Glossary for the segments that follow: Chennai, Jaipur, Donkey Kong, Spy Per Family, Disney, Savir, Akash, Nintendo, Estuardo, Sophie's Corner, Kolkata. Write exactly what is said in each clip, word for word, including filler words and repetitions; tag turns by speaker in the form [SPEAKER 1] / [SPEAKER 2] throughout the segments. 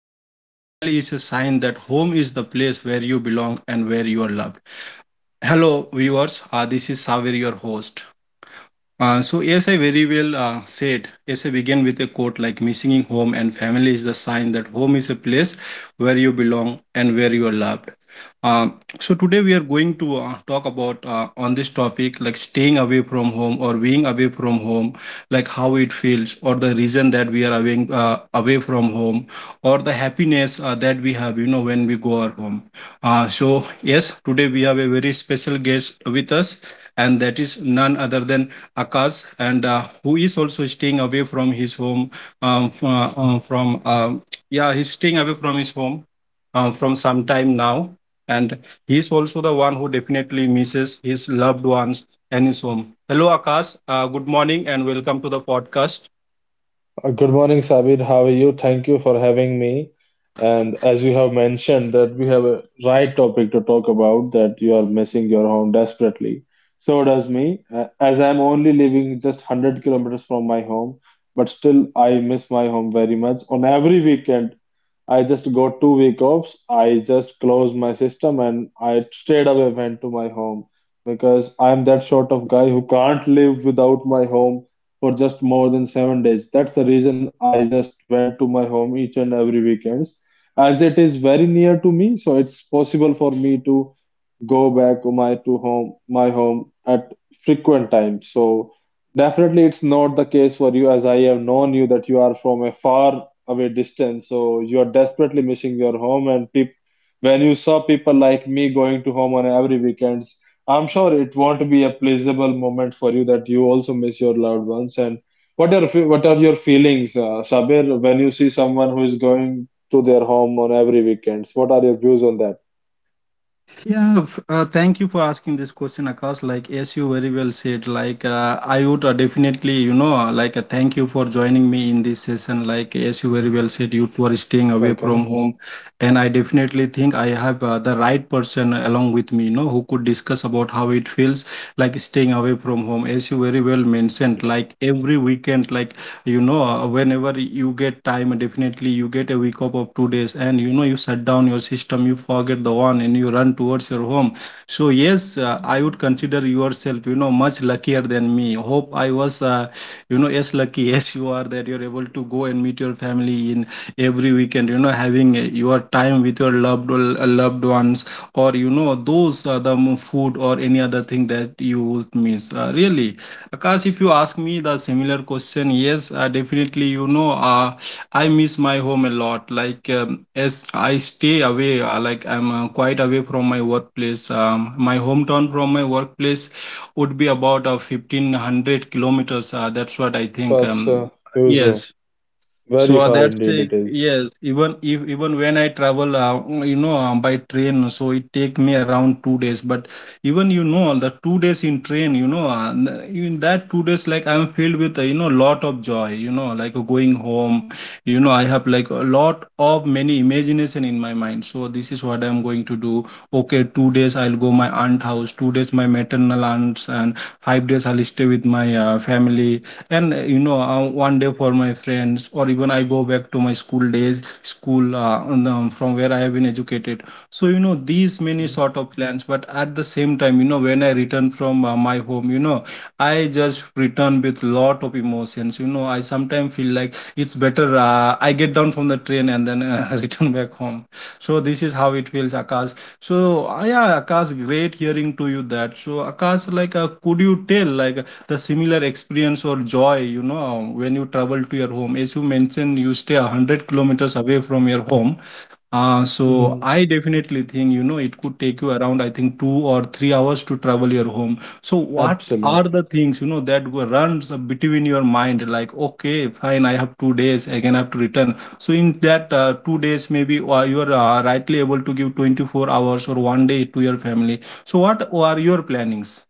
[SPEAKER 1] home and family is a sign that home is the place where you belong and where you are loved. Hello, viewers. Uh, this is Savir, your host. Uh, so as I very well uh, said, as I began with a quote like "Missing home and family is the sign that home is a place where you belong and where you are loved." Um, so today we are going to uh, talk about uh, on this topic, like staying away from home or being away from home, like how it feels or the reason that we are away uh, away from home, or the happiness uh, that we have you know when we go our home. Uh, so yes, today we have a very special guest with us, and that is none other than Akash, and uh, who is also staying away from his home. Um, f- uh, uh, from um yeah, he's staying away from his home um, from some time now, and he's also the one who definitely misses his loved ones and his home. Hello, Akash. Uh, good morning, and welcome to the podcast.
[SPEAKER 2] Uh, Good morning, Sabir. How are you? Thank you for having me. And as you have mentioned, that we have a right topic to talk about that you are missing your home desperately. So does me, uh, as I'm only living just 100 kilometers from my home, but still I miss my home very much. On every weekend, I just got two week offs. I just closed my system and I straight away went to my home because I'm that sort of guy who can't live without my home for just more than seven days. That's the reason I just went to my home each and every weekends. As it is very near to me, so it's possible for me to go back my to home my home at frequent times. So definitely it's not the case for you, as I have known you, that you are from a far away distance, so you are desperately missing your home and peop when you saw people like me going to home on every weekends, I'm sure it won't be a pleasurable moment for you, that you also miss your loved ones. And what are fe- what are your feelings, uh, Shabir, when you see someone who is going to their home on every weekends? What are your views on that?
[SPEAKER 1] Yeah, f- uh, thank you for asking this question, Akash. Like, as you very well said, like, uh, I would uh, definitely, you know, uh, like, uh, thank you for joining me in this session. Like, as you very well said, you two are staying away from
[SPEAKER 2] Welcome.
[SPEAKER 1] home. And I definitely think I have uh, the right person along with me, you know, who could discuss about how it feels like staying away from home. As you very well well mentioned, like every weekend, like, you know, uh, whenever you get time, definitely you get a week up of two days, and you know, you shut down your system, you forget the one, and you run towards your home. So yes, uh, I would consider yourself, you know, much luckier than me. Hope I was uh, you know, as lucky as you are, that you're able to go and meet your family in every weekend, you know, having uh, your time with your loved uh, loved ones, or you know, those are the mo- food or any other thing that you would miss uh, really, Akash. If you ask me the similar question, yes, uh, definitely. You know, uh, I miss my home a lot. Like, um, as I stay away, uh, like I'm uh, quite away from my workplace. Um, my hometown from my workplace would be about uh, fifteen hundred kilometers. Uh, that's what I think.
[SPEAKER 2] That's
[SPEAKER 1] Um,
[SPEAKER 2] uh, Uzo.
[SPEAKER 1] yes. So
[SPEAKER 2] Very
[SPEAKER 1] uh,
[SPEAKER 2] far
[SPEAKER 1] that's
[SPEAKER 2] indeed
[SPEAKER 1] a,
[SPEAKER 2] it is.
[SPEAKER 1] yes, even if, even when I travel, uh, mm, you know, um, by train, so it take me around two days. But even, you know, the two days in train, you know, uh, n- in that two days, like I'm filled with uh, you know, lot of joy. You know, like uh, going home, you know, I have like a lot of many imagination in my mind. So this is what I'm going to do. Okay, two days I'll go my aunt house, two days my maternal aunts, and five days I'll stay with my uh, family, and uh, you know, uh, one day for my friends, or even I go back to my school days school uh, and, um, from where I have been educated. So you know, these many sort of plans, but at the same time, you know, when I return from uh, my home, you know, I just return with lot of emotions. You know, I sometimes feel like it's better uh, I get down from the train and then uh, return back home. So this is how it feels, Akash. So uh, yeah, Akash, great hearing to you that. So Akash, like, uh, could you tell like the similar experience or joy, you know, when you travel to your home, as you mentioned you stay one hundred kilometers away from your home. Uh, so
[SPEAKER 2] Mm-hmm.
[SPEAKER 1] I definitely think, you know, it could take you around, I think, two or three hours to travel your home. So what are
[SPEAKER 2] Absolutely.
[SPEAKER 1] the things, you know, that go- runs between your mind? Like, okay, fine, I have two days, again, I have to return. So in that uh, two days, maybe uh, you are uh, rightly able to give twenty-four hours or one day to your family. So what are your plannings?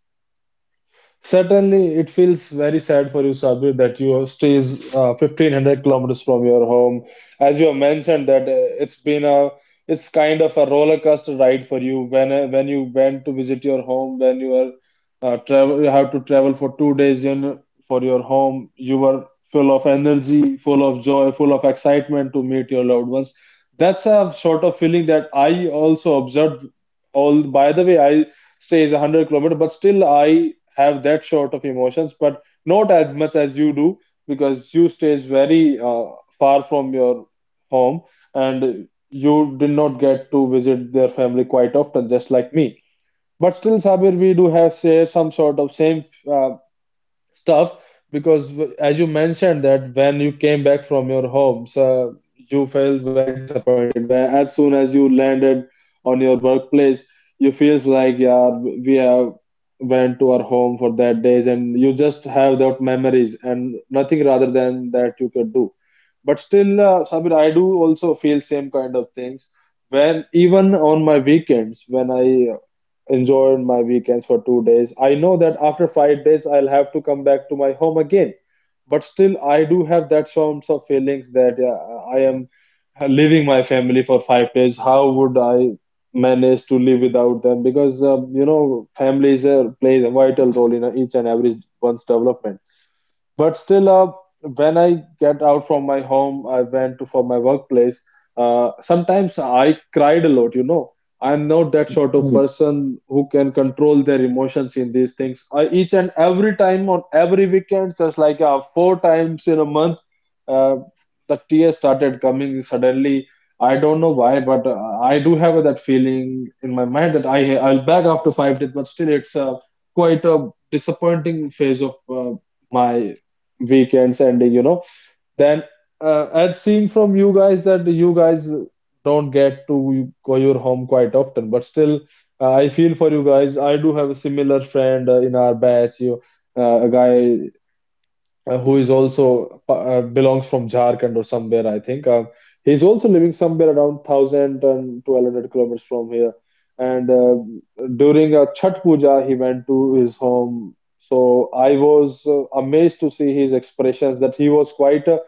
[SPEAKER 2] Certainly, it feels very sad for you, Sabir, that you stays uh, fifteen hundred kilometers from your home. As you have mentioned that uh, it's been a it's kind of a roller coaster ride for you when uh, when you went to visit your home, when you were uh, travel you have to travel for two days in for your home. You were full of energy, full of joy, full of excitement to meet your loved ones. That's a sort of feeling that I also observed. All by the way, I says one hundred kilometer, but still I have that sort of emotions, but not as much as you do, because you stays very uh, far from your home, and you did not get to visit their family quite often, just like me. But still, Sabir, we do have say some sort of same uh, stuff, because w- as you mentioned that when you came back from your home, so you felt very disappointed, where as soon as you landed on your workplace, you feels like, yeah, we have went to our home for that days and you just have that memories and nothing rather than that you could do. But still, uh, Sabir, I do also feel same kind of things when, even on my weekends, when I enjoyed my weekends for two days. I know that after five days, I'll have to come back to my home again. But still, I do have that sorts of feelings that, yeah, I am leaving my family for five days. How would I manage to live without them? Because um, you know, families uh, plays a vital role in each and every one's development, but still, uh, when I get out from my home, I went to for my workplace. Uh, sometimes I cried a lot you know I'm not that sort of person who can control their emotions in these things. I, each and every time on every weekend, just like uh, four times in a month, uh, the tears started coming suddenly. I don't know why, but uh, I do have that feeling in my mind that i I'll back after five days, but still it's uh, quite a disappointing phase of uh, my weekends ending, you know then uh, as seen from you guys, that you guys don't get to go your home quite often, but still, uh, I feel for you guys. I do have a similar friend, uh, in our batch, you uh, a guy, uh, who is also uh, belongs from Jharkhand or somewhere, I think. Uh, he's also living somewhere around one thousand and twelve hundred kilometers from here. And uh, during uh, Chhat Puja, he went to his home. So I was uh, amazed to see his expressions, that he was quite uh,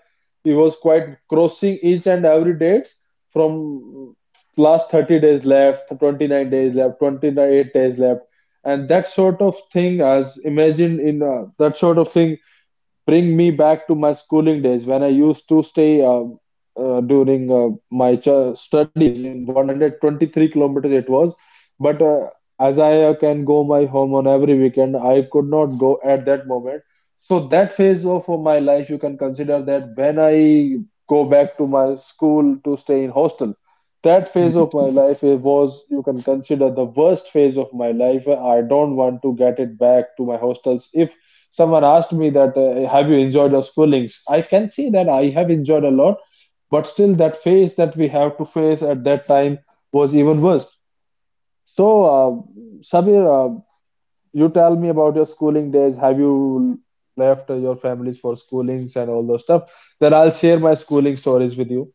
[SPEAKER 2] he was quite crossing each and every date, from last thirty days left, twenty-nine days left, twenty-eight days left, and that sort of thing, as imagined in uh, that sort of thing, bring me back to my schooling days when I used to stay uh, uh, during uh, my ch- studies in one hundred twenty-three kilometers it was. But uh, as I uh, can go my home on every weekend, I could not go at that moment. So that phase of uh, my life, you can consider that when I go back to my school to stay in hostel. That phase
[SPEAKER 1] Mm.
[SPEAKER 2] of my life it was, you can consider the worst phase of my life. I don't want to get it back to my hostels if someone asked me that, uh, have you enjoyed your schoolings? I can see that I have enjoyed a lot, but still that phase that we have to face at that time was even worse. So uh, Sabir, uh, you tell me about your schooling days. Have you left uh, your families for schoolings and all those stuff? Then I'll share my schooling stories with you.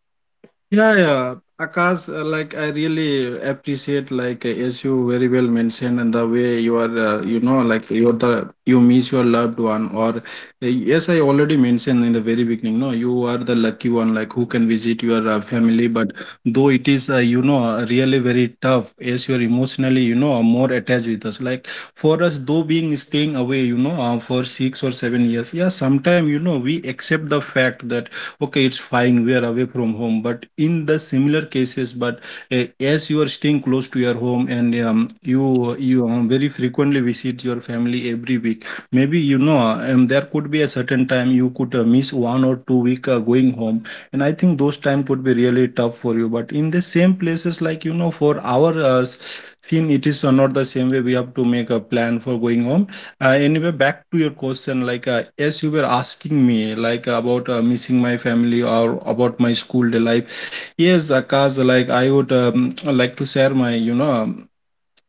[SPEAKER 1] Yeah, yeah, Akash, uh, like I really appreciate, like uh, as you very well mentioned, and the way you are, uh, you know, like you're the, you miss your loved one, or uh, yes, I already mentioned in the very beginning. No, you are the lucky one, like who can visit your uh, family. But though it is, uh, you know, uh, really very tough, as you're emotionally, you know, more attached with us. Like for us, though being staying away, you know, uh, for six or seven years, yeah, sometime, you know, we accept the fact that okay, it's fine, we are away from home, but in the similar cases, but uh, as you are staying close to your home, and um, you you um, very frequently visit your family every week, maybe, you know, um, there could be a certain time you could uh, miss one or two week uh, going home, and I think those time could be really tough for you. But in the same places, like, you know, for our uh, s- scene, it is uh, not the same way. We have to make a plan for going home. Uh, anyway, back to your question, like, uh, as you were asking me, like about uh, missing my family or about my school day life. Yes, because like I would um, like to share my, you know, um,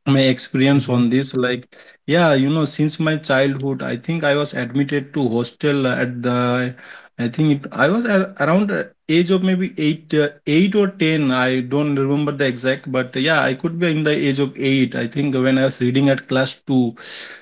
[SPEAKER 1] my experience
[SPEAKER 2] Mhm.
[SPEAKER 1] on this. Like, yeah, you know, since my childhood, I think I was admitted to hostel at the, I think it, I was ar around uh, age of maybe eight, uh, eight or ten. I don't remember the exact, but yeah, I could be in the age of eight, I think, when I was reading at class two.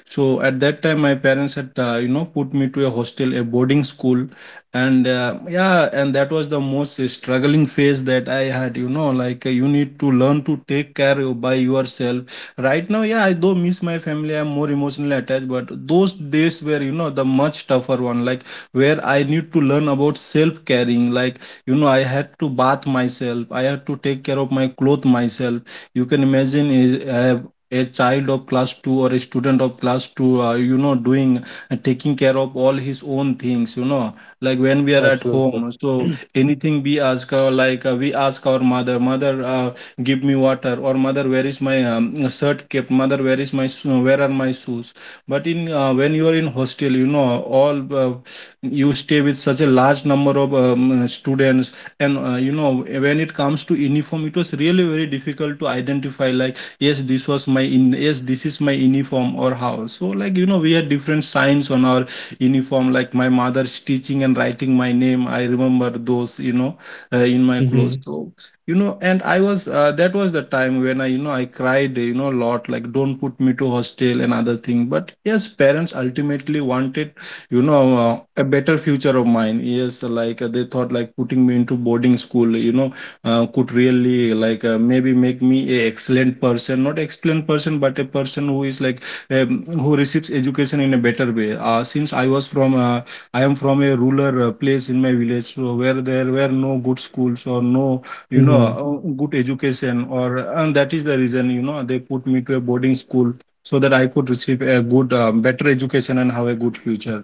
[SPEAKER 1] So at that time my parents had uh, you know, put me to a hostel, a boarding school, and uh, yeah, and that was the most struggling phase that I had, you know, like uh, you need to learn to take care of by yourself right now. Yeah, I do miss my family, I'm more emotionally attached, but those days were, you know, the much tougher one, like where I need to learn about self caring, like, you know, I had to bath myself, I had to take care of my clothes myself. You can imagine, is- I, a child of class two, or a student of class two, uh, you know, doing uh, taking care of all his own things, you know, like when we are at
[SPEAKER 2] Absolutely.
[SPEAKER 1] home, so anything we ask, uh, like uh, we ask our mother, mother uh, give me water, or mother, where is my um, shirt kept, mother, where is my sho- where are my shoes? But in, uh, when you are in hostel, you know, all uh, you stay with such a large number of um, uh, students, and uh, you know, when it comes to uniform, it was really very difficult to identify, like, yes, this was my in yes, this is my uniform, or how. So like, you know, we had different signs on our uniform, like my mother stitching and writing my name, I remember those, you know, uh, in my clothes.
[SPEAKER 2] Mhm.
[SPEAKER 1] So you know, and I was uh, that was the time when I, you know, I cried, you know, a lot, like don't put me to hostel and other thing, but yes, parents ultimately wanted, you know, uh, a better future of mine. Yes, like, uh, they thought like putting me into boarding school, you know, uh, could really, like, uh, maybe make me a excellent person, not excellent person, but a person who is like, um, who receives education in a better way. Uh, since I was from, uh, I am from a rural uh, place in my village, so where there were no good schools, or no, you know,
[SPEAKER 2] Mhm.
[SPEAKER 1] uh, good education, or, and that is the reason, you know, they put me to a boarding school, so that I could receive a good, um, better education and have a good future.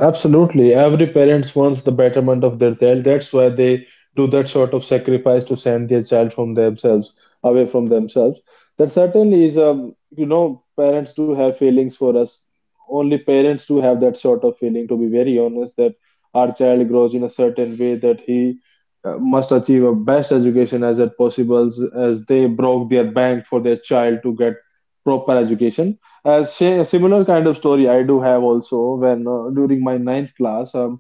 [SPEAKER 2] Absolutely. Every parents wants the betterment of their child. That's why they do that sort of sacrifice to send their child from themselves, away from themselves. That certainly is, um, you know, parents do have feelings for us. Only parents do have that sort of feeling, to be very honest, that our child grows in a certain way, that he uh, must achieve a best education as it possible, as they broke their bank for their child to get proper education. A, si- similar kind of story I do have also. When uh, during my ninth class, uh,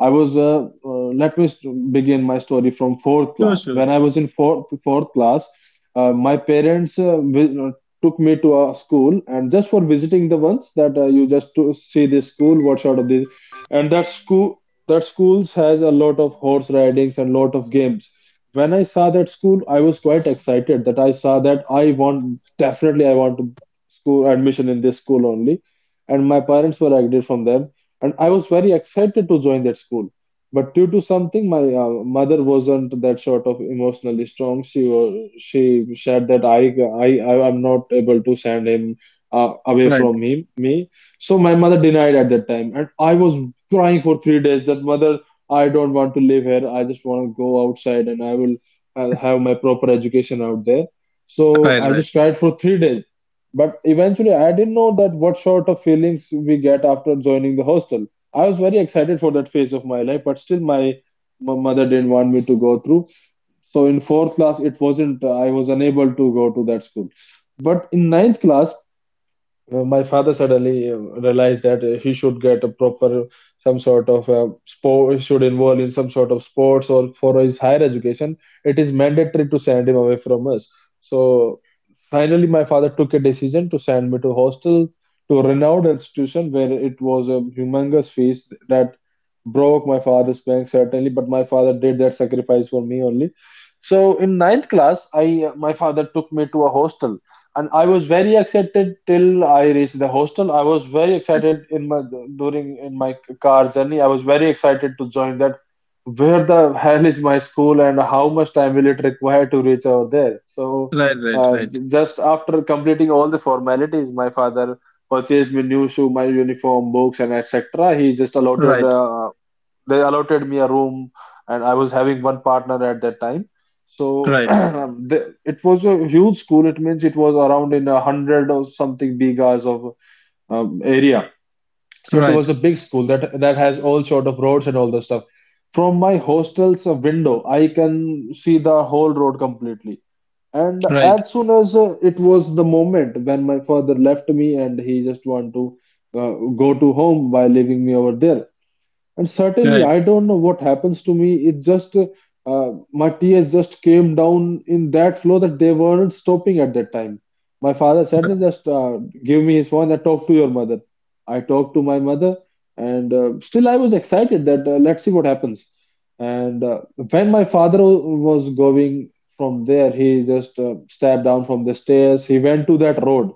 [SPEAKER 2] I was, uh, uh, let me st- begin my story from fourth
[SPEAKER 1] Sure,
[SPEAKER 2] class. When
[SPEAKER 1] sure.
[SPEAKER 2] I was in fourth, fourth class, uh, my parents uh, vi- uh, took me to a school and just for visiting the ones, that uh, you just to see this school, what sort of this, and that school, that schools has a lot of horse ridings and lot of games. When I saw that school, I was quite excited that I saw that I want, definitely I want to school admission in this school only. And my parents were agreed from them, and I was very excited to join that school. But due to something, my uh, mother wasn't that sort of emotionally strong. She was, she said that I I I am not able to send him uh, away
[SPEAKER 1] Right,
[SPEAKER 2] from him me. So my mother denied at that time, and I was crying for three days that, mother, I don't want to live here. I just want to go outside, and I will uh, have my proper education out there.
[SPEAKER 1] right,
[SPEAKER 2] So I
[SPEAKER 1] right,
[SPEAKER 2] just cried for three days, but eventually, I didn't know that what sort of feelings we get after joining the hostel. I was very excited for that phase of my life, but still, my, my mother didn't want me to go through. So in fourth class, it wasn't. Uh, I was unable to go to that school. But in ninth class, uh, my father suddenly um, realized that uh, he should get a proper some sort of uh, sport, he should involve in some sort of sports, or for his higher education it is mandatory to send him away from us. So finally, my father took a decision to send me to hostel, to a renowned institution, where it was a humongous fees that broke my father's bank certainly, but my father did that sacrifice for me only. So in ninth class, I uh, my father took me to a hostel, and I was very excited till I reached the hostel. I was very excited in my during in my car journey. I was very excited to join that. Where the hell is my school, and how much time will it require to reach over there? So,
[SPEAKER 1] right, right,
[SPEAKER 2] uh,
[SPEAKER 1] right,
[SPEAKER 2] just after completing all the formalities, my father purchased me new shoe, my uniform, books, and et cetera. He just allotted uh, they allotted me a room, and I was having one partner at that time. So
[SPEAKER 1] right,
[SPEAKER 2] the, it was a huge school. It means it was around in a hundred or something bigas of um, area. So it
[SPEAKER 1] right,
[SPEAKER 2] was a big school that that has all sort of roads and all the stuff. From my hostel's uh, window, I can see the whole road completely. And
[SPEAKER 1] right,
[SPEAKER 2] as soon as uh, it was the moment when my father left me, and he just want to uh, go to home by leaving me over there, and certainly,
[SPEAKER 1] right,
[SPEAKER 2] I don't know what happens to me. It just, uh, my tears just came down in that flow that they weren't stopping at that time. My father said, that just uh, give me his phone and talk to your mother. I talked to my mother, and uh, still I was excited that uh, let's see what happens. And uh, When my father wa- was going from there, he just uh, stepped down from the stairs. He went to that road.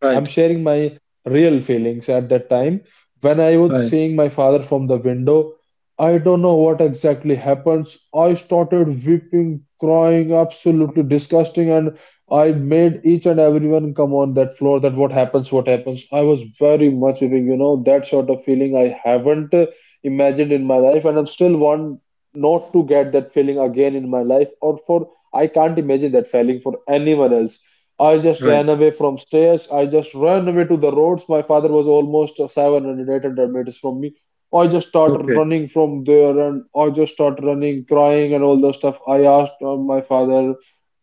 [SPEAKER 1] right,
[SPEAKER 2] I'm
[SPEAKER 1] right,
[SPEAKER 2] sharing my real feelings at that time. When I was
[SPEAKER 1] right,
[SPEAKER 2] seeing my father from the window, I don't know what exactly happens. I started weeping, crying, absolutely disgusting, and I made each and everyone come on that floor that what happens, what happens. I was very much weeping, you know, that sort of feeling I haven't uh, imagined in my life, and I'm still want not to get that feeling again in my life, or for I can't imagine that feeling for anyone else. I just
[SPEAKER 1] right.
[SPEAKER 2] ran away from stairs. I just ran away to the roads. My father was almost seven hundred, eight hundred meters from me. I just started
[SPEAKER 1] Okay,
[SPEAKER 2] running from there, and I just started running, crying, and all the stuff. I asked uh, my father,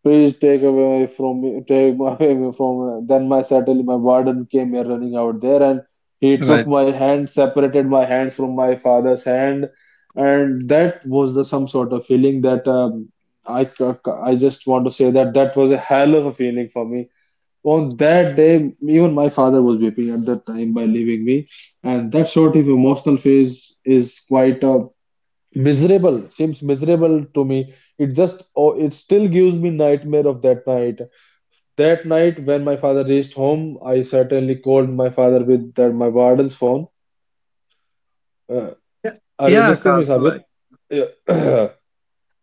[SPEAKER 2] please take away from me, take my away from me. Then my suddenly my warden came here running out there, and he
[SPEAKER 1] right.
[SPEAKER 2] took my hand, separated my hands from my father's hand. And that was the some sort of feeling that um, I, c- c- I just want to say that that was a hell of a feeling for me. On that day, even my father was weeping at that time by leaving me, and that sort of emotional phase is quite uh, miserable. Seems miserable to me. It just oh, it still gives me nightmare of that night. That night when my father reached home, I certainly called my father with that my warden's phone. Uh,
[SPEAKER 1] Yeah,
[SPEAKER 2] are you
[SPEAKER 1] yeah,
[SPEAKER 2] listening, Miss
[SPEAKER 1] Akash,
[SPEAKER 2] Abir?
[SPEAKER 1] like.
[SPEAKER 2] Yeah.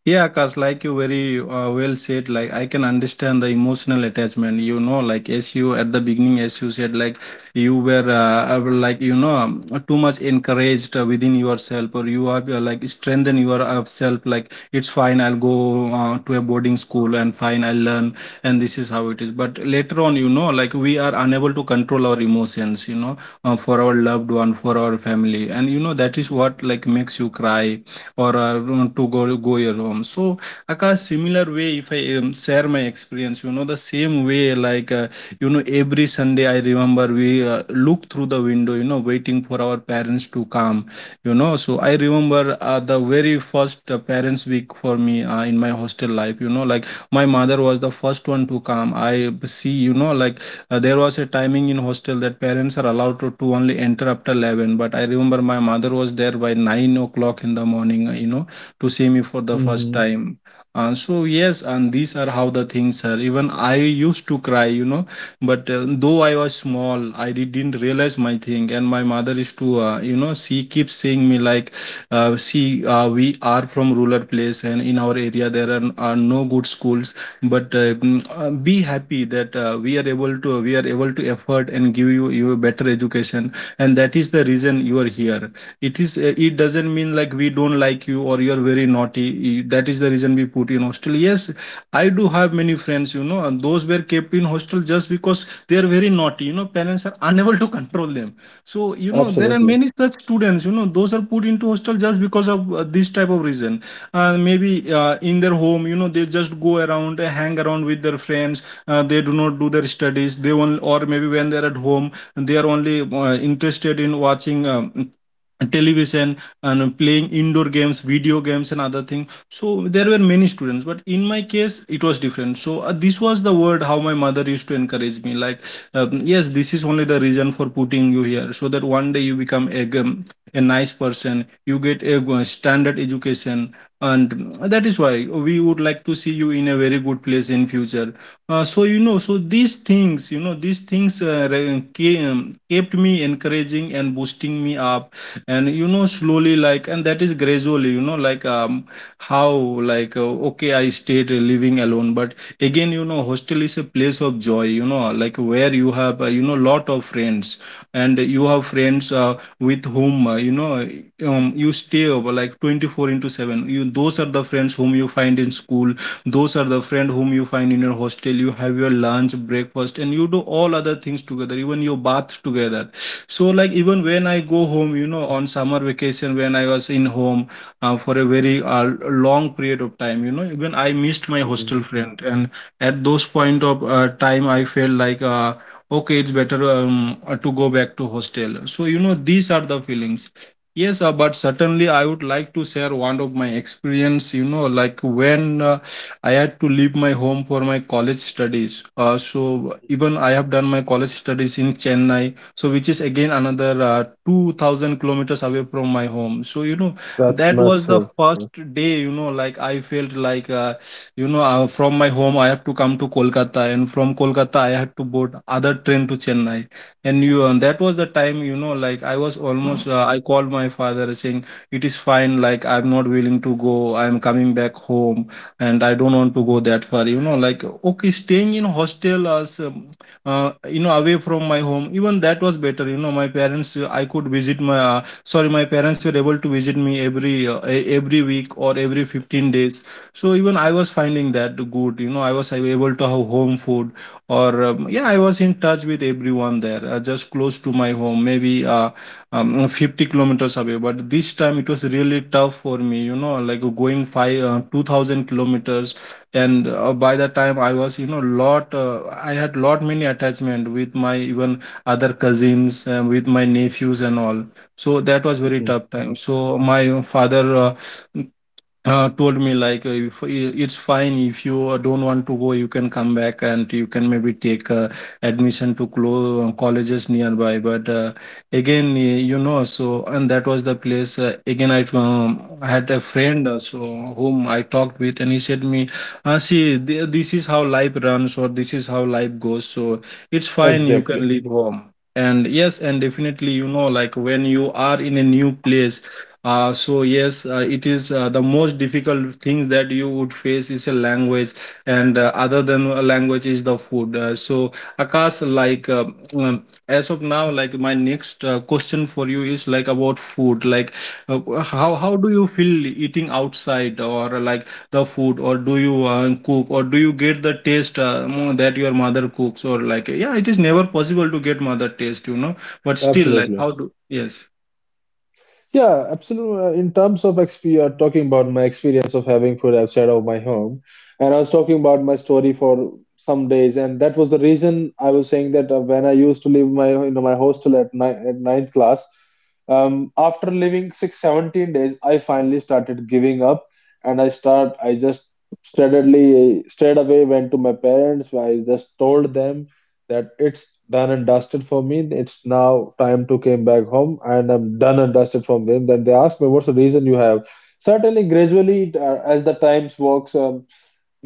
[SPEAKER 1] Yeah, cause like, you very uh, well said, like I can understand the emotional attachment. You know, like as you, at the beginning, as you said, like you were uh, uh, like you know, um, too much encouraged uh, within yourself, or you have uh, like strengthen your uh, self. Like it's fine, I'll go uh, to a boarding school, and fine, I'll learn, and this is how it is. But later on, you know, like we are unable to control our emotions. You know, uh, for our loved one, for our family, and you know that is what like makes you cry or I want to go go your home. So Akash, similar way, if I um, share my experience, you know, the same way, like uh, you know, every Sunday I remember we uh, look through the window, you know, waiting for our parents to come, you know. So I remember uh, the very first uh, parents week for me uh, in my hostel life, you know, like my mother was the first one to come. I see, you know, like uh, there was a timing in hostel that parents are allowed to, to only enter after eleven, but I remember my mother was there by nine o'clock in the morning, uh, you know, to see me for the first
[SPEAKER 2] Hmm.
[SPEAKER 1] time. Uh, so yes, and these are how the things are. Even I used to cry, you know, but uh, though I was small, I did- didn't realize my thing. And my mother used to, uh, you know, she keeps saying me like, uh, see, uh, we are from rural place, and in our area there are, are no good schools, but uh, mm, uh, be happy that uh, we are able to, we are able to effort and give you you a better education, and that is the reason you are here. It is uh, it doesn't mean like we don't like you or you are very naughty. Y- that is the reason we put you in hostel. Yes, I do have many friends, you know, and those were kept in hostel just because they are very naughty, you know. Parents are unable to control them. So you know, there are
[SPEAKER 2] Absolutely.
[SPEAKER 1] many such students, you know, those are put into hostel just because of uh, this type of reason. Uh, maybe uh, in their home, you know, they just go around, uh, hang around with their friends. Uh, they do not do their studies. They only, or maybe when they're at home, they are only uh, interested in watching um, television and playing indoor games, video games, and other thing. So there were many students, but in my case it was different. So uh, this was the word how my mother used to encourage me like, um, yes, this is only the reason for putting you here, so that one day you become a, um, a nice person. You get a uh, standard education, and um, that is why we would like to see you in a very good place in future. Uh, so you know so these things, you know, these things uh, re- came, kept me encouraging and boosting me up. And you know, slowly, like, and that is gradually, you know, like um how like uh, okay, I stayed living alone, but again, you know, hostel is a place of joy, you know, like where you have, uh, you know, lot of friends. And you have friends uh, with whom, uh, you know um, you stay over like twenty-four into seven. You, those are the friends whom you find in school. Those are the friend whom you find in your hostel. You have your lunch, breakfast, and you do all other things together, even your bath together. So like, even when I go home, you know, on summer vacation when I was in home uh, for a very uh, long period of time, you know, even I missed my hostel
[SPEAKER 2] Mhm.
[SPEAKER 1] friend. And at those point of uh, time, I felt like, uh, okay, it's better um, uh, to go back to hostel. So you know, these are the feelings. Yes, uh, but certainly I would like to share one of my experience, you know, like when uh, I had to leave my home for my college studies. Uh, so even I have done my college studies in Chennai, so which is again another uh, two thousand kilometers away from my home. So you know,
[SPEAKER 2] That's
[SPEAKER 1] that was the
[SPEAKER 2] massive.
[SPEAKER 1] first day. You know, like I felt like, uh, you know uh, from my home I have to come to Kolkata, and from Kolkata I had to board other train to Chennai. And you and that was the time. You know, like I was almost. Uh, I called my father saying it is fine. Like I'm not willing to go. I'm coming back home, and I don't want to go that far, you know, like, okay, staying in hostel as um, uh, you know, away from my home, even that was better, you know. My parents, uh, I could visit my uh, sorry, my parents were able to visit me every, uh, e- every week or every fifteen days. So even I was finding that good, you know. I was able to have home food, or um, yeah, I was in touch with everyone there, uh, just close to my home, maybe uh, um, fifty kilometers away. But this time it was really tough for me, you know, like going five uh, two thousand kilometers. And uh, by the time, I was you know lot uh, I had lot many attachment with my, even other cousins, uh, with my nephews and all. So that was very
[SPEAKER 2] Mhm,
[SPEAKER 1] tough time.
[SPEAKER 2] mhm.
[SPEAKER 1] So my father, uh, uh, told me like, uh, if, i- it's fine if you uh, don't want to go, you can come back, and you can maybe take uh, admission to close colleges nearby. But uh, again uh, you know, so and that was the place, uh, again I um, had a friend uh, so whom I talked with, and he said me, uh, see, th- this is how life runs, or this is how life goes. So it's fine, you can
[SPEAKER 2] Exactly.
[SPEAKER 1] leave home. And yes, and definitely, you know, like when you are in a new place, uh, so yes, uh, it is uh, the most difficult things that you would face is a language, and uh, other than a language is the food. Uh, so Akash, like, uh, um, as of now, like my next uh, question for you is like about food. Like uh, how how do you feel eating outside, or uh, like the food, or do you uh, cook, or do you get the taste uh, mo- that your mother cooks, or like, yeah, it is never possible to get mother taste, you know. But still, like
[SPEAKER 2] Absolutely.
[SPEAKER 1] how do, yes,
[SPEAKER 2] Yeah, absolutely. In terms of experience, uh, talking about my experience of having food outside of my home, and I was talking about my story for some days, and that was the reason I was saying that uh, when I used to live my in my hostel at, ni- at ninth class, um, after living six seventeen days, I finally started giving up, and I start I just steadily uh, straight away went to my parents. I just told them that it's done and dusted for me. It's now time to came back home, and I'm done and dusted from them. Then they asked me, "What's the reason you have?" Certainly, gradually, uh, as the times works, um,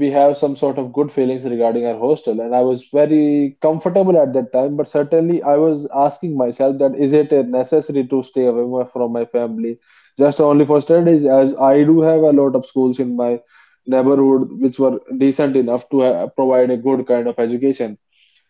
[SPEAKER 2] we have some sort of good feelings regarding our hostel, and I was very comfortable at that time. But certainly, I was asking myself that is it a necessary to stay away from my family just only for studies? As I do have a lot of schools in my neighborhood which were decent enough to uh, provide a good kind of education.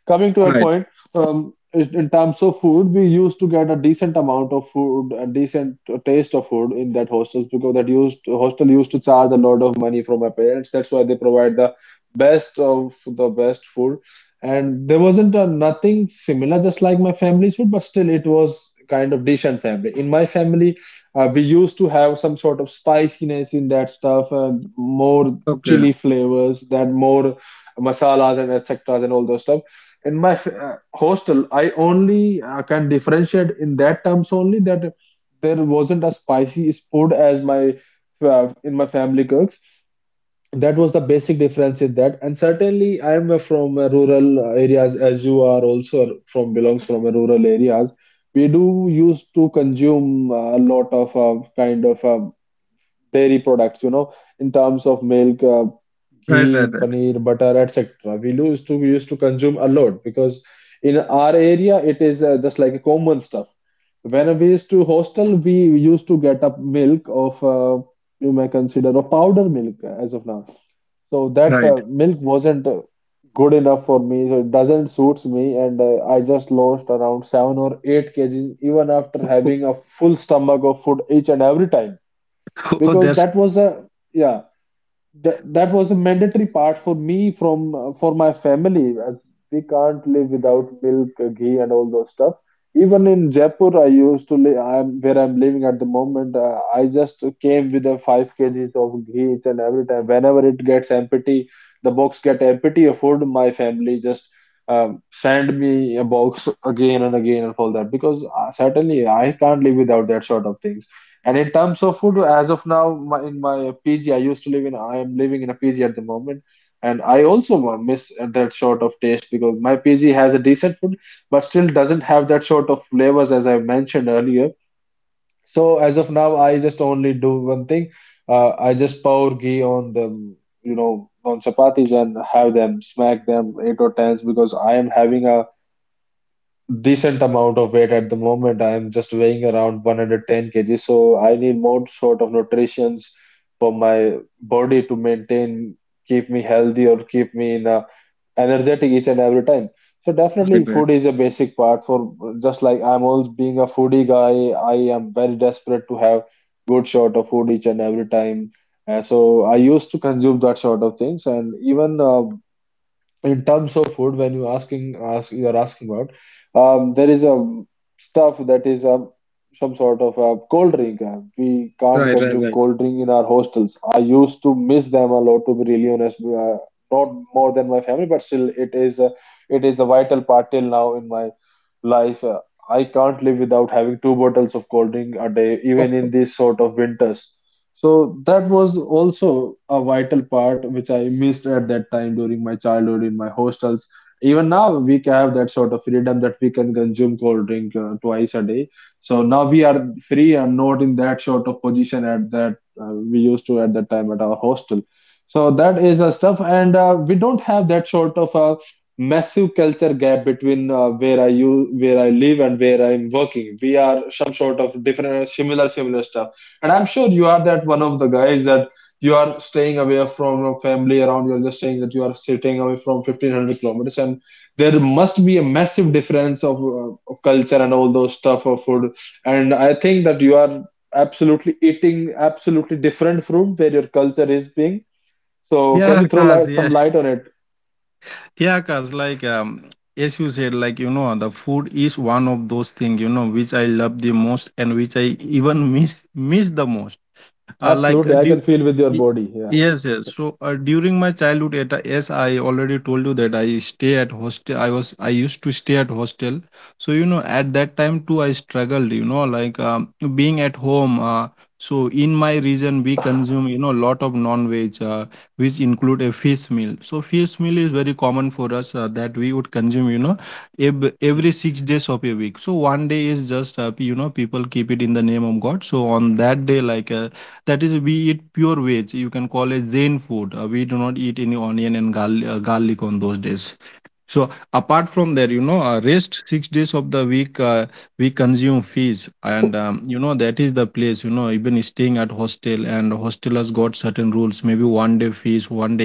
[SPEAKER 2] Coming to your
[SPEAKER 1] right.
[SPEAKER 2] point, um, in in terms of food, we used to get a decent amount of food, a decent taste of food in that hostels, because that used hostel used to charge a lot of money from my parents. That's why they provide the best of the best food, and there wasn't a, nothing similar, just like my family's food, but still it was kind of decent family. In my family, uh, we used to have some sort of spiciness in that stuff and more
[SPEAKER 1] Okay.
[SPEAKER 2] chili flavors, that more masalas and et cetera and all those stuff. In my f- uh, hostel, I only uh, can differentiate in that terms only, that there wasn't a spicy food as my uh, in my family cooks. That was the basic difference in that, and certainly I am uh, from uh, rural uh, areas, as you are also from belongs from a rural areas. We do used to consume uh, a lot of uh, kind of uh, dairy products, you know, in terms of milk, uh,
[SPEAKER 1] Right,
[SPEAKER 2] ghee,
[SPEAKER 1] right, right.
[SPEAKER 2] paneer, butter, et cetera. We used to we used to consume a lot because in our area it is uh, just like a common stuff. When we used to hostel, we used to get a milk of uh, you may consider a powder milk as of now. So that
[SPEAKER 1] Right.
[SPEAKER 2] uh, milk wasn't uh, good enough for me, so it doesn't suits me, and uh, I just lost around seven or eight kgs even after
[SPEAKER 1] Oh,
[SPEAKER 2] having a full stomach of food each and every time,
[SPEAKER 1] oh, oh,
[SPEAKER 2] because
[SPEAKER 1] that's
[SPEAKER 2] that was a yeah that, that was a mandatory part for me from uh, for my family, as we can't live without milk, uh, ghee, and all those stuff. Even in Jaipur I used to live, I'm where I'm living at the moment, uh, I just came with a 5 kgs of ghee each and every time. Whenever it gets empty, the box get empty, a food, my family just um, send me a box again and again and all that, because uh, certainly I can't live without that sort of things. And in terms of food, as of now, my, in my P G, I used to live in, I am living in a P G at the moment. And I also miss that sort of taste because my P G has a decent food, but still doesn't have that sort of flavors as I mentioned earlier. So as of now, I just only do one thing. Uh, I just pour ghee on the, you know, on chapatis and have them, smack them eight or tens, because I am having a decent amount of weight at the moment. I am just weighing around one hundred ten k g, so I need more sort of nutritions for my body to maintain, keep me healthy or keep me in a energetic each and every time. So
[SPEAKER 1] right,
[SPEAKER 2] definitely
[SPEAKER 1] right.
[SPEAKER 2] food is a basic part for just like I'm always being a foodie guy. I am very desperate to have good sort of food each and every time. Uh, so I used to consume that sort of things. And even uh, in terms of food, when you asking ask you're asking about um, there is a stuff that is a some sort of a cold drink. Uh, we can't
[SPEAKER 1] Right, right,
[SPEAKER 2] consume
[SPEAKER 1] right.
[SPEAKER 2] cold drink in our hostels. I used to miss them a lot, to be really honest. Uh, not more than my family, but still it is a, it is a vital part till now in my life. uh, I can't live without having two bottles of cold drink a day, even
[SPEAKER 1] Oh.
[SPEAKER 2] in these sort of winters. So that was also a vital part which I missed at that time during my childhood in my hostels. Even now, we can have that sort of freedom that we can consume cold drink uh, twice a day. So now we are free and not in that sort of position at that uh, we used to at that time at our hostel. So that is a stuff, and uh, we don't have that sort of a massive culture gap between uh, where I you where I live and where I'm working. We are some sort of different, similar, similar stuff. And I'm sure you are that one of the guys that you are staying away from your family around. You're just saying that you are staying away from fifteen hundred kilometers, and there must be a massive difference of, uh, of culture and all those stuff of food. And I think that you are absolutely eating absolutely different from where your culture is being. So
[SPEAKER 1] Yeah,
[SPEAKER 2] can you throw
[SPEAKER 1] cause
[SPEAKER 2] light, some
[SPEAKER 1] yes.
[SPEAKER 2] light on it?
[SPEAKER 1] Yeah, cause like, um as you said, like, you know, the food is one of those things, you know, which I love the most, and which I even miss miss the most. uh, like uh,
[SPEAKER 2] Absolutely, I
[SPEAKER 1] do
[SPEAKER 2] can feel with
[SPEAKER 1] y-
[SPEAKER 2] your body. Yeah,
[SPEAKER 1] yes, yes. So uh, during my childhood at a- yes, I already told you that I stay at hostel. I was i used to stay at hostel. So you know, at that time too, I struggled, you know, like, um, being at home. Uh, so in my region we consume, you know, lot of non-veg, uh, which include a fish meal. So fish meal is very common for us, uh, that we would consume, you know, ev- every six days of a week. So one day is just, uh, you know, people keep it in the name of god. So on that day, like, uh, that is, we eat pure veg. You can call it Zen food. Uh, we do not eat any onion and gal- uh, garlic on those days. So apart from there, you know, uh, rest six days of the week, uh, we consume fees, and um, you know, that is the place. You know, even staying at hostel, and hostel has got certain rules. Maybe one day fees, one day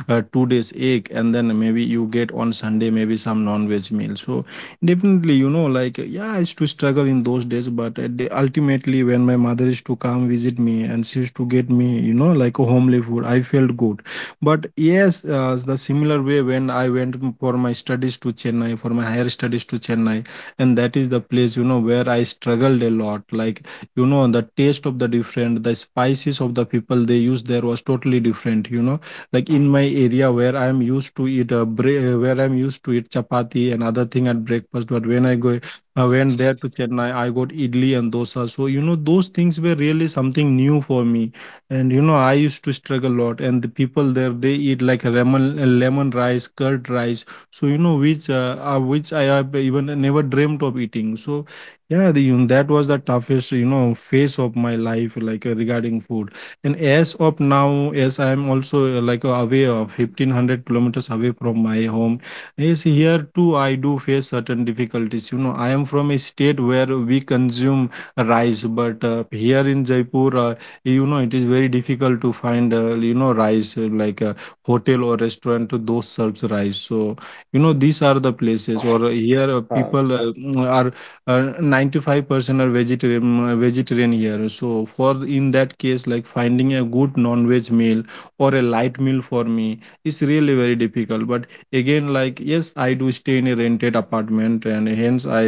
[SPEAKER 1] a, uh, two days egg, and then maybe you get on Sunday maybe some non-veg meal. So definitely, you know, like, yeah, I used to struggle in those days, but at the, ultimately, when my mother used to come visit me and she used to get me, you know, like a homely food, I felt good. But yes, uh, the similar way when I went m- for my studies to Chennai, for my higher studies to Chennai, and that is the place, you know, where I struggled a lot. Like, you know, the taste of the different, the spices of the people they use there was totally different, you know. Like in my area where I'm used to eat, a bre- where I'm used to eat chapati and other thing at breakfast, but when I go, I went there to Chennai, I got idli and dosa. So you know, those things were really something new for me. And you know, I used to struggle a lot. And the people there, they eat like lemon, uh, lemon rice, curd rice. So, you know, which uh, uh, which I have even never dreamt of eating. So, yeah, the, you know, that was the toughest you know phase of my life, like, uh, regarding food. And as of now, as I am also uh, like uh, away of fifteen hundred kilometers away from my home. Yes, here too I do face certain difficulties. You know, I am from a state where we consume rice, but uh, here in Jaipur. Uh, you know, it is very difficult to find, uh, you know rice, uh, like a hotel or restaurant those serves rice. So, you know these are the places. Or, uh, here, uh,
[SPEAKER 2] Uh,
[SPEAKER 1] people, uh, mm, are, uh, ninety-five percent are vegetarian, uh, vegetarian here. So for in that case, like, finding a good non-veg meal or a light meal for me is really very difficult, but again, like, yes, I do stay in a rented apartment, and hence i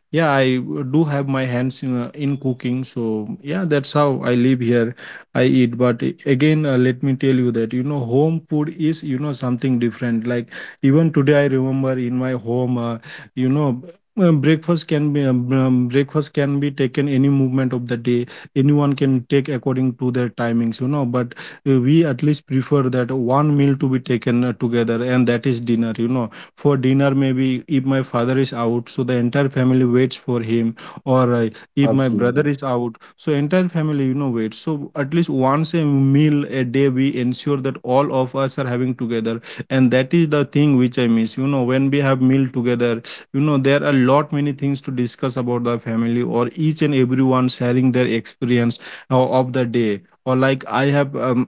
[SPEAKER 1] yeah I do have my hands in, uh, in cooking. So, yeah, that's how I live here. I eat, but a- again, uh, let me tell you that, you know home food is, you know something different, like, even today I remember in my home, uh, you know b- uh, breakfast can be um, um, breakfast can be taken any movement of the day. Anyone can take according to their timings, you know but uh, we at least prefer that one meal to be taken uh, together, and that is dinner you know For dinner, maybe if my father is out, so the entire family waits for him. Or uh, if my brother
[SPEAKER 2] absolutely.
[SPEAKER 1] is out, so entire family you know waits, so at least once a meal a day we ensure that all of us are having together. And that is the thing which I miss, you know when we have meal together. You know there are a lot many things to discuss about the family, or each and everyone sharing their experience uh, of the day, or like i have um,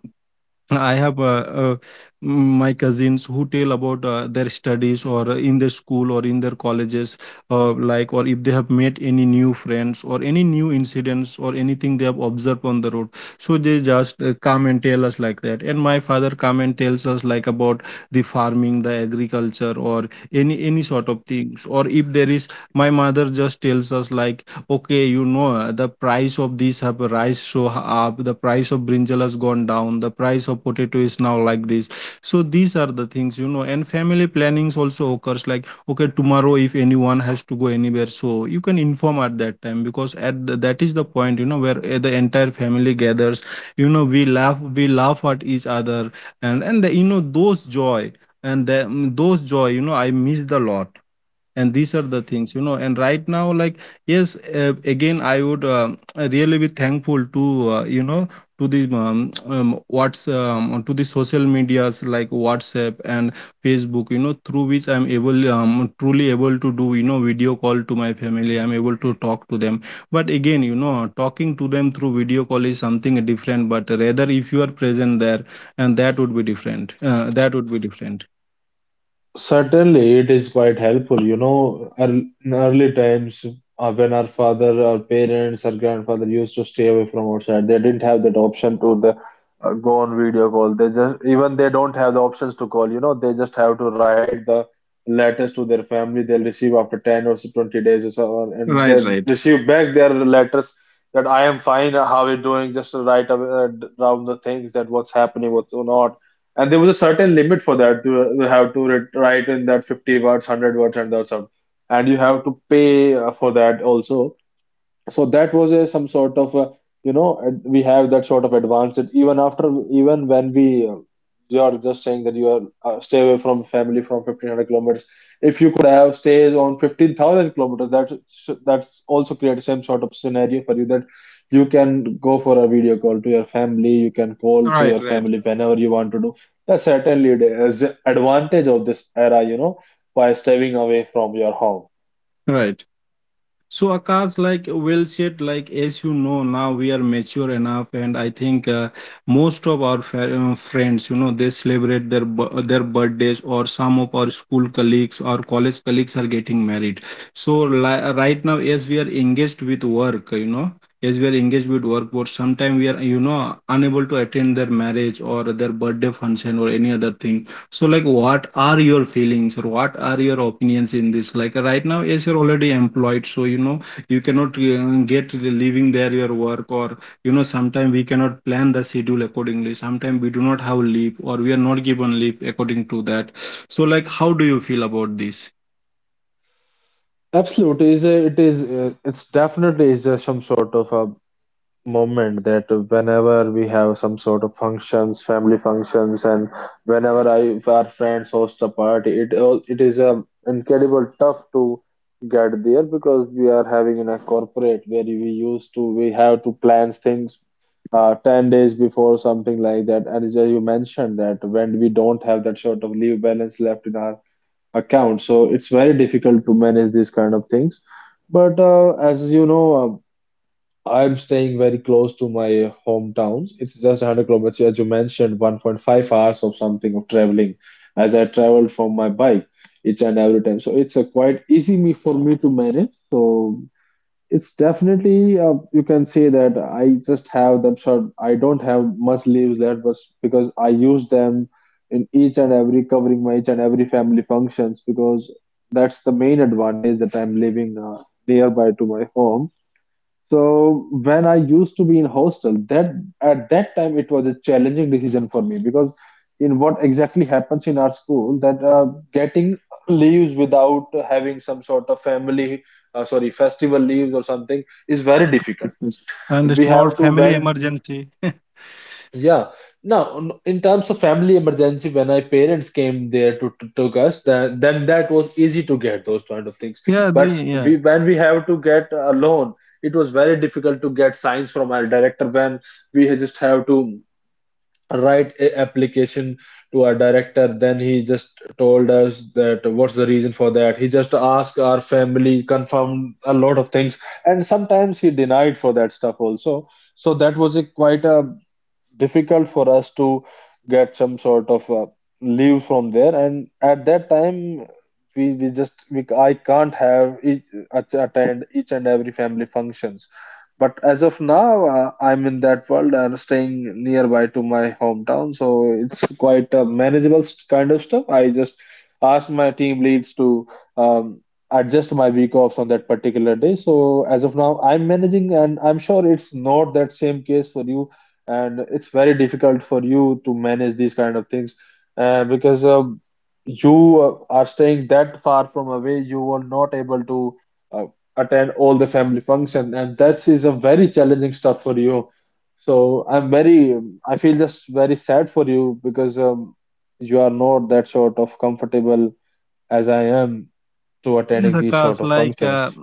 [SPEAKER 1] I have uh, uh, my cousins who tell about uh, their studies or in their school or in their colleges, uh, like, or if they have met any new friends or any new incidents or anything they have observed on the road. So they just uh, come and tell us like that. And my father come and tells us like about the farming, the agriculture, or any any sort of things. Or if there is, my mother just tells us like, okay, you know the price of these have rise so up, the price of brinjal has gone down, the price of potato is now like this. So these are the things, you know and family plannings also occurs like, okay, tomorrow if anyone has to go anywhere, so you can inform at that time, because at the, that is the point, you know where uh, the entire family gathers. You know we laugh we laugh at each other, and and the, you know those joy, and the, mm, those joy, you know I miss the lot. And these are the things, you know and right now, like, yes, uh, again I would, um, really be thankful to, uh, you know to the um, um, what's um, to the social medias like WhatsApp and Facebook, you know through which I'm able, um, truly able to do, you know video call to my family. I'm able to talk to them, but again, you know talking to them through video call is something different, but rather, if you are present there, and that would be different. uh, that would be different
[SPEAKER 2] Certainly, it is quite helpful. You know, earl- in early times uh, when our father, our parents, our grandfather used to stay away from outside, they didn't have that option to the uh, go on video call. They just even they don't have the options to call. You know, they just have to write the letters to their family. They'll receive after ten or so twenty days or so on, and
[SPEAKER 1] Right,
[SPEAKER 2] they
[SPEAKER 1] right,
[SPEAKER 2] receive back their letters that I am fine. How are you doing? Just to write ab- uh, down the things, that what's happening, what's not. And there was a certain limit for that. You you have to writ- write in that fifty words, one hundred words, and that's all, and you have to pay uh, for that also. So that was a some sort of uh, you know ad- we have that sort of advanced. Even after even when we uh, you are just saying that you are uh, stay away from family from fifteen hundred kilometers. If you could have stays on fifteen thousand kilometers, that s- that's also create same sort of scenario for you, that you can go for a video call to your family, you can call to your
[SPEAKER 1] right, right,
[SPEAKER 2] family whenever you want to do. That's certainly the advantage of this era, you know, by staying away from your home.
[SPEAKER 1] right. So, Akash, like, well said, like, as you know, now we are mature enough, and I think, uh, most of our fa- uh, friends, you know, they celebrate their bu- uh, their birthdays, or some of our school colleagues, or college colleagues are getting married. So, li- right now, as we are engaged with work, you know, as we are engaged with work, but sometimes we are, you know, unable to attend their marriage or their birthday function or any other thing. So, like, what are your feelings or what are your opinions in this? Like, right now, yes, you're already employed, so, you know, you cannot uh, get leaving there your work, or, you know, sometimes we cannot plan the schedule accordingly. Sometimes we do not have leave, or we are not given leave according to that. So, like, how do you feel about this?
[SPEAKER 2] Absolutely, is a, it is uh, it's definitely is a, some sort of a moment that whenever we have some sort of functions, family functions, and whenever I if our friends host a party, it all it is a incredible tough to get there, because we are having in a corporate where we used to we have to plan things uh, ten days before something like that. And as you mentioned, that when we don't have that sort of leave balance left in our account. So it's very difficult to manage these kind of things. But uh, as you know, uh, I'm staying very close to my hometowns. It's just one hundred kilometers, as you mentioned, one point five hours of something of traveling, as I travel from my bike each and every time. So it's a quite easy me for me to manage. So it's definitely uh, you can say that I just have them short. I don't have much leaves left, but because I use them in each and every covering my each and every family functions, because that's the main advantage that I'm living uh, nearby to my home. So when I used to be in hostel, that at that time it was a challenging decision for me, because in what exactly happens in our school that uh, getting leaves without having some sort of family, uh, sorry, festival leaves or something, is very difficult.
[SPEAKER 1] Yes, yes. I
[SPEAKER 2] We
[SPEAKER 1] understand. Or
[SPEAKER 2] have to
[SPEAKER 1] family
[SPEAKER 2] when
[SPEAKER 1] emergency.
[SPEAKER 2] Yeah. Now, n- in terms of family emergency, when my parents came there to, to took us, then then that was easy to get those kind of things.
[SPEAKER 1] Yeah, the,
[SPEAKER 2] But
[SPEAKER 1] yeah.
[SPEAKER 2] we when we have to get a loan, it was very difficult to get signs from our director. When we had just have to write a application to our director, then he just told us that what's the reason for that. He just asked our family, confirmed a lot of things, and sometimes he denied for that stuff also. So that was a quite a difficult for us to get some sort of uh, leave from there. And at that time we, we just we, I can't have each, at- attend each and every family functions. But as of now uh, I'm in that world and staying nearby to my hometown, so it's quite a manageable st- kind of stuff. I just asked my team leads to um, adjust my week offs on that particular day. So as of now I'm managing, and I'm sure it's not that same case for you, and it's very difficult for you to manage these kind of things, uh, because uh, you uh, are staying that far from away. You are not able to uh, attend all the family function, and that is a very challenging stuff for you. So I'm very, I feel just very sad for you, because um, you are not that sort of comfortable as I am to
[SPEAKER 1] Yes,
[SPEAKER 2] attending these sort
[SPEAKER 1] Akash,
[SPEAKER 2] of
[SPEAKER 1] like,
[SPEAKER 2] functions.
[SPEAKER 1] uh,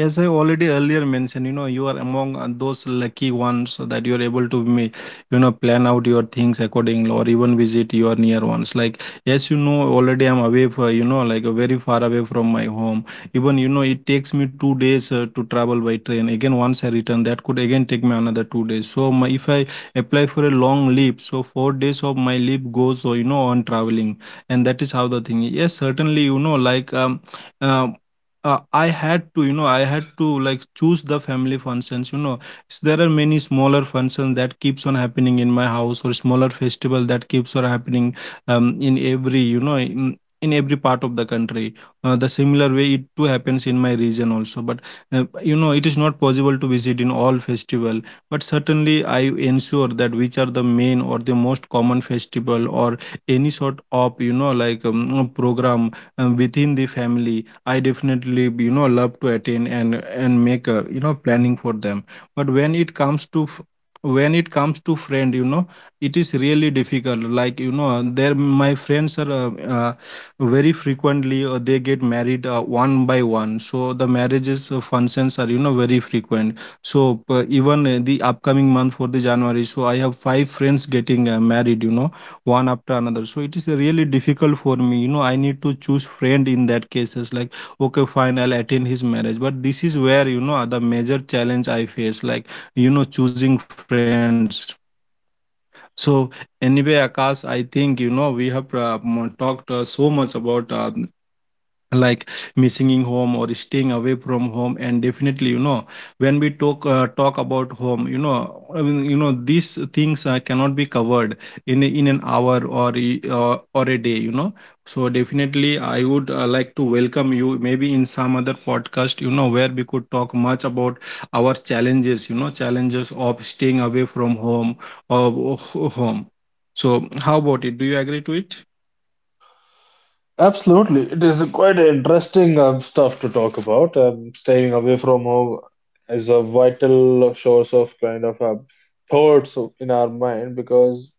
[SPEAKER 1] as I already earlier mentioned, you know, you are among uh, those lucky ones so that you're able to, ma- you know, plan out your things accordingly, or even visit your near ones. Like, as you know, already I'm away for, you know, like, uh, very far away from my home. Even, you know, it takes me two days uh, to travel by train. Again, once I return, that could again take me another two days. So, my, if I apply for a long leave, so four days of my leave goes, uh, you know, on traveling. And that is how the thing is. Yes, certainly, you know, like, um, uh, uh, I had to, you know, I had to like choose the family functions. You know, S- there are many smaller functions that keeps on happening in my house, or smaller festival that keeps on happening, um, in every, you know, in, in every part of the country. Uh, the similar way it too happens in my region also. But uh, you know, it is not possible to visit in all festival. But certainly, I ensure that which are the main or the most common festival or any sort of, you know, like, um, program, um, within the family, I definitely, you know love to attend, and and make a you know planning for them. But when it comes to f- when it comes to friend, you know, it is really difficult. Like, you know, there my friends are, uh, uh, very frequently, uh, they get married, uh, one by one. So the marriages, uh, functions are, you know very frequent. So, p- even, uh, the upcoming month for the January, so I have five friends getting uh, married. You know, one after another. So it is really difficult for me. You know, I need to choose friend in that cases, like, okay, fine, I'll attend his marriage, but this is where, you know the major challenge I face. Like, you know choosing friends. So, anyway, Akash, I think, you know we have uh, m- talked, uh, so much about, uh, like, missing in home or staying away from home. And definitely, you know when we talk uh, talk about home, you know I mean, you know these things uh, cannot be covered in a- in an hour or e- uh, or a day you know So definitely, I would, uh, like to welcome you maybe in some other podcast, you know where we could talk much about our challenges, you know challenges of staying away from home, or home. So how about it? Do you agree to it?
[SPEAKER 2] Absolutely. It is quite interesting um, stuff to talk about. Um, staying away from home is a vital source of kind of um, thoughts in our mind, because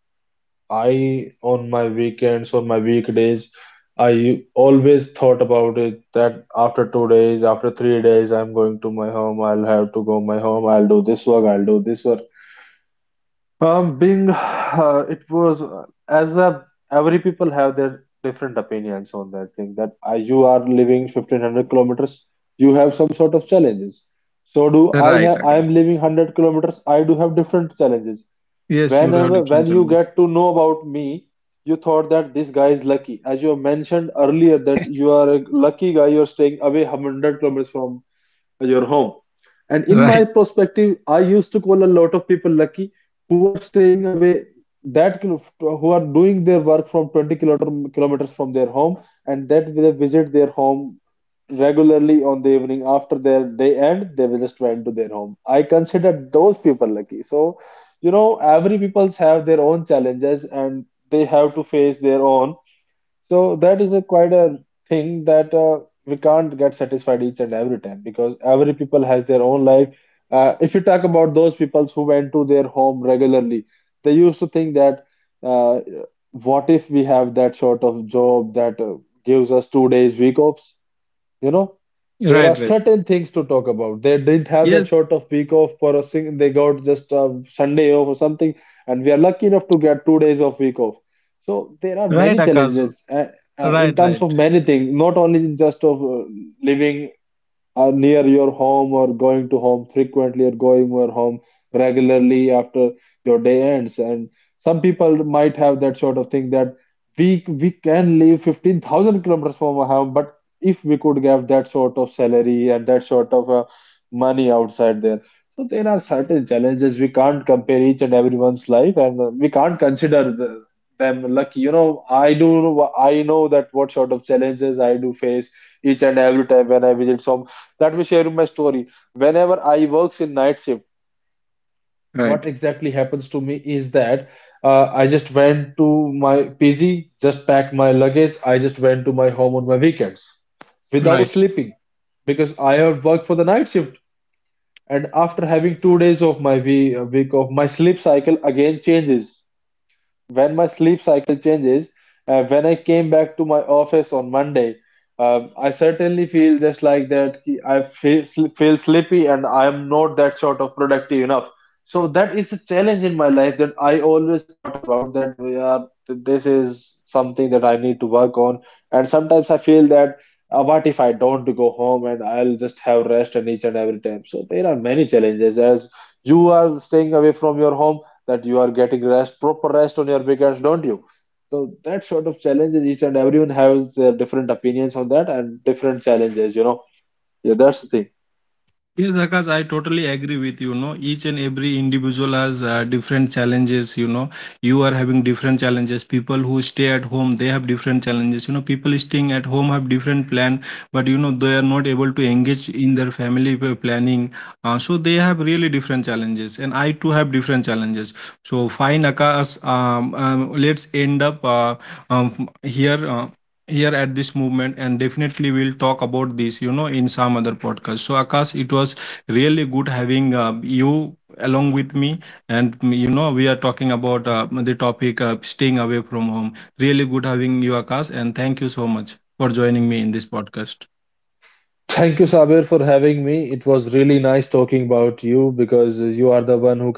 [SPEAKER 2] I, on my weekends, on my weekdays, I always thought about it, that after two days, after three days, I'm going to my home. I'll have to go my home. I'll do this work. I'll do this work. Um, being uh, it was uh, as a every people have their different opinions on that thing, that uh, you are living fifteen hundred kilometers, you have some sort of challenges. So do I
[SPEAKER 1] Right,
[SPEAKER 2] have. I am
[SPEAKER 1] Akash.
[SPEAKER 2] living one hundred kilometers, I do have different challenges.
[SPEAKER 1] Yes, you have
[SPEAKER 2] Whenever when
[SPEAKER 1] different
[SPEAKER 2] you
[SPEAKER 1] challenges.
[SPEAKER 2] get to know about me, you thought that this guy is lucky, as you have mentioned earlier, that you are a lucky guy, you are staying away one hundred kilometers from your home. And in my
[SPEAKER 1] Right,
[SPEAKER 2] perspective, I used to call a lot of people lucky, who are staying away, that kilo- who are doing their work from twenty kilometer- kilometers from their home, and that they visit their home regularly on the evening after their day end. They will just went to their home. I consider those people lucky. So you know, every people's have their own challenges, and they have to face their own. So that is a quite a thing, that uh, we can't get satisfied each and every time, because every people has their own life. Uh, if you talk about those people who went to their home regularly, they used to think that uh, what if we have that sort of job, that uh, gives us two days week offs? You know, there are
[SPEAKER 1] right, right.
[SPEAKER 2] certain things to talk about. They didn't have that
[SPEAKER 1] Yes,
[SPEAKER 2] sort of week off for a sing. They got just a Sunday off or something, and we are lucky enough to get two days of week off. So there are
[SPEAKER 1] right,
[SPEAKER 2] many
[SPEAKER 1] Akaz.
[SPEAKER 2] challenges uh, uh, in
[SPEAKER 1] Right,
[SPEAKER 2] terms
[SPEAKER 1] right,
[SPEAKER 2] of many things, not only in just of uh, living are near your home, or going to home frequently, or going your home regularly after your day ends. And some people might have that sort of thing, that we we can live fifteen thousand kilometers from our home, but if we could have that sort of salary and that sort of uh, money outside there. So there are certain challenges, we can't compare each and everyone's life, and uh, we can't consider the, them lucky. You know, I do I know that what sort of challenges I do face each and every time when I visit. So let me share you my story. Whenever I works in night shift, what
[SPEAKER 1] right,
[SPEAKER 2] exactly happens to me is that uh, I just went to my P G, just packed my luggage. I just went to my home on my weekends without
[SPEAKER 1] right.
[SPEAKER 2] sleeping, because I have worked for the night shift. And after having two days of my week, week of my sleep cycle again changes. When my sleep cycle changes, uh, when I came back to my office on Monday, um, I certainly feel just like that. ki- I feel, sl- feel sleepy, and I am not that sort of productive enough. So that is a challenge in my life, that I always thought about, that we th- this is something that I need to work on. And sometimes I feel that uh, what if I don't go home, and I'll just have rest and each and every time. So there are many challenges. As you are staying away from your home, that you are getting rest, proper rest on your weekends, don't you? So that sort of challenges, each and everyone has their different opinions on that and different challenges, you know. Yeah, that's the thing.
[SPEAKER 1] Yes, Akash, I totally agree with you. Know, each and every individual has uh, different challenges. You know, you are having different challenges. People who stay at home, they have different challenges. You know, people staying at home have different plan, but you know they are not able to engage in their family p- planning. Uh, so they have really different challenges, and I too have different challenges. So fine, Akash. Um, um, let's end up, uh, um, here. Uh, here at this movement, and definitely we'll talk about this, you know in some other podcast. So, Akash, it was really good having, uh, you along with me, and, mm, you know we are talking about, uh, the topic, uh, staying away from home. Really good having you, Akash, and thank you so much for joining me in this podcast.
[SPEAKER 2] Thank you, Sabir, for having me. It was really nice talking about you, because you are the one who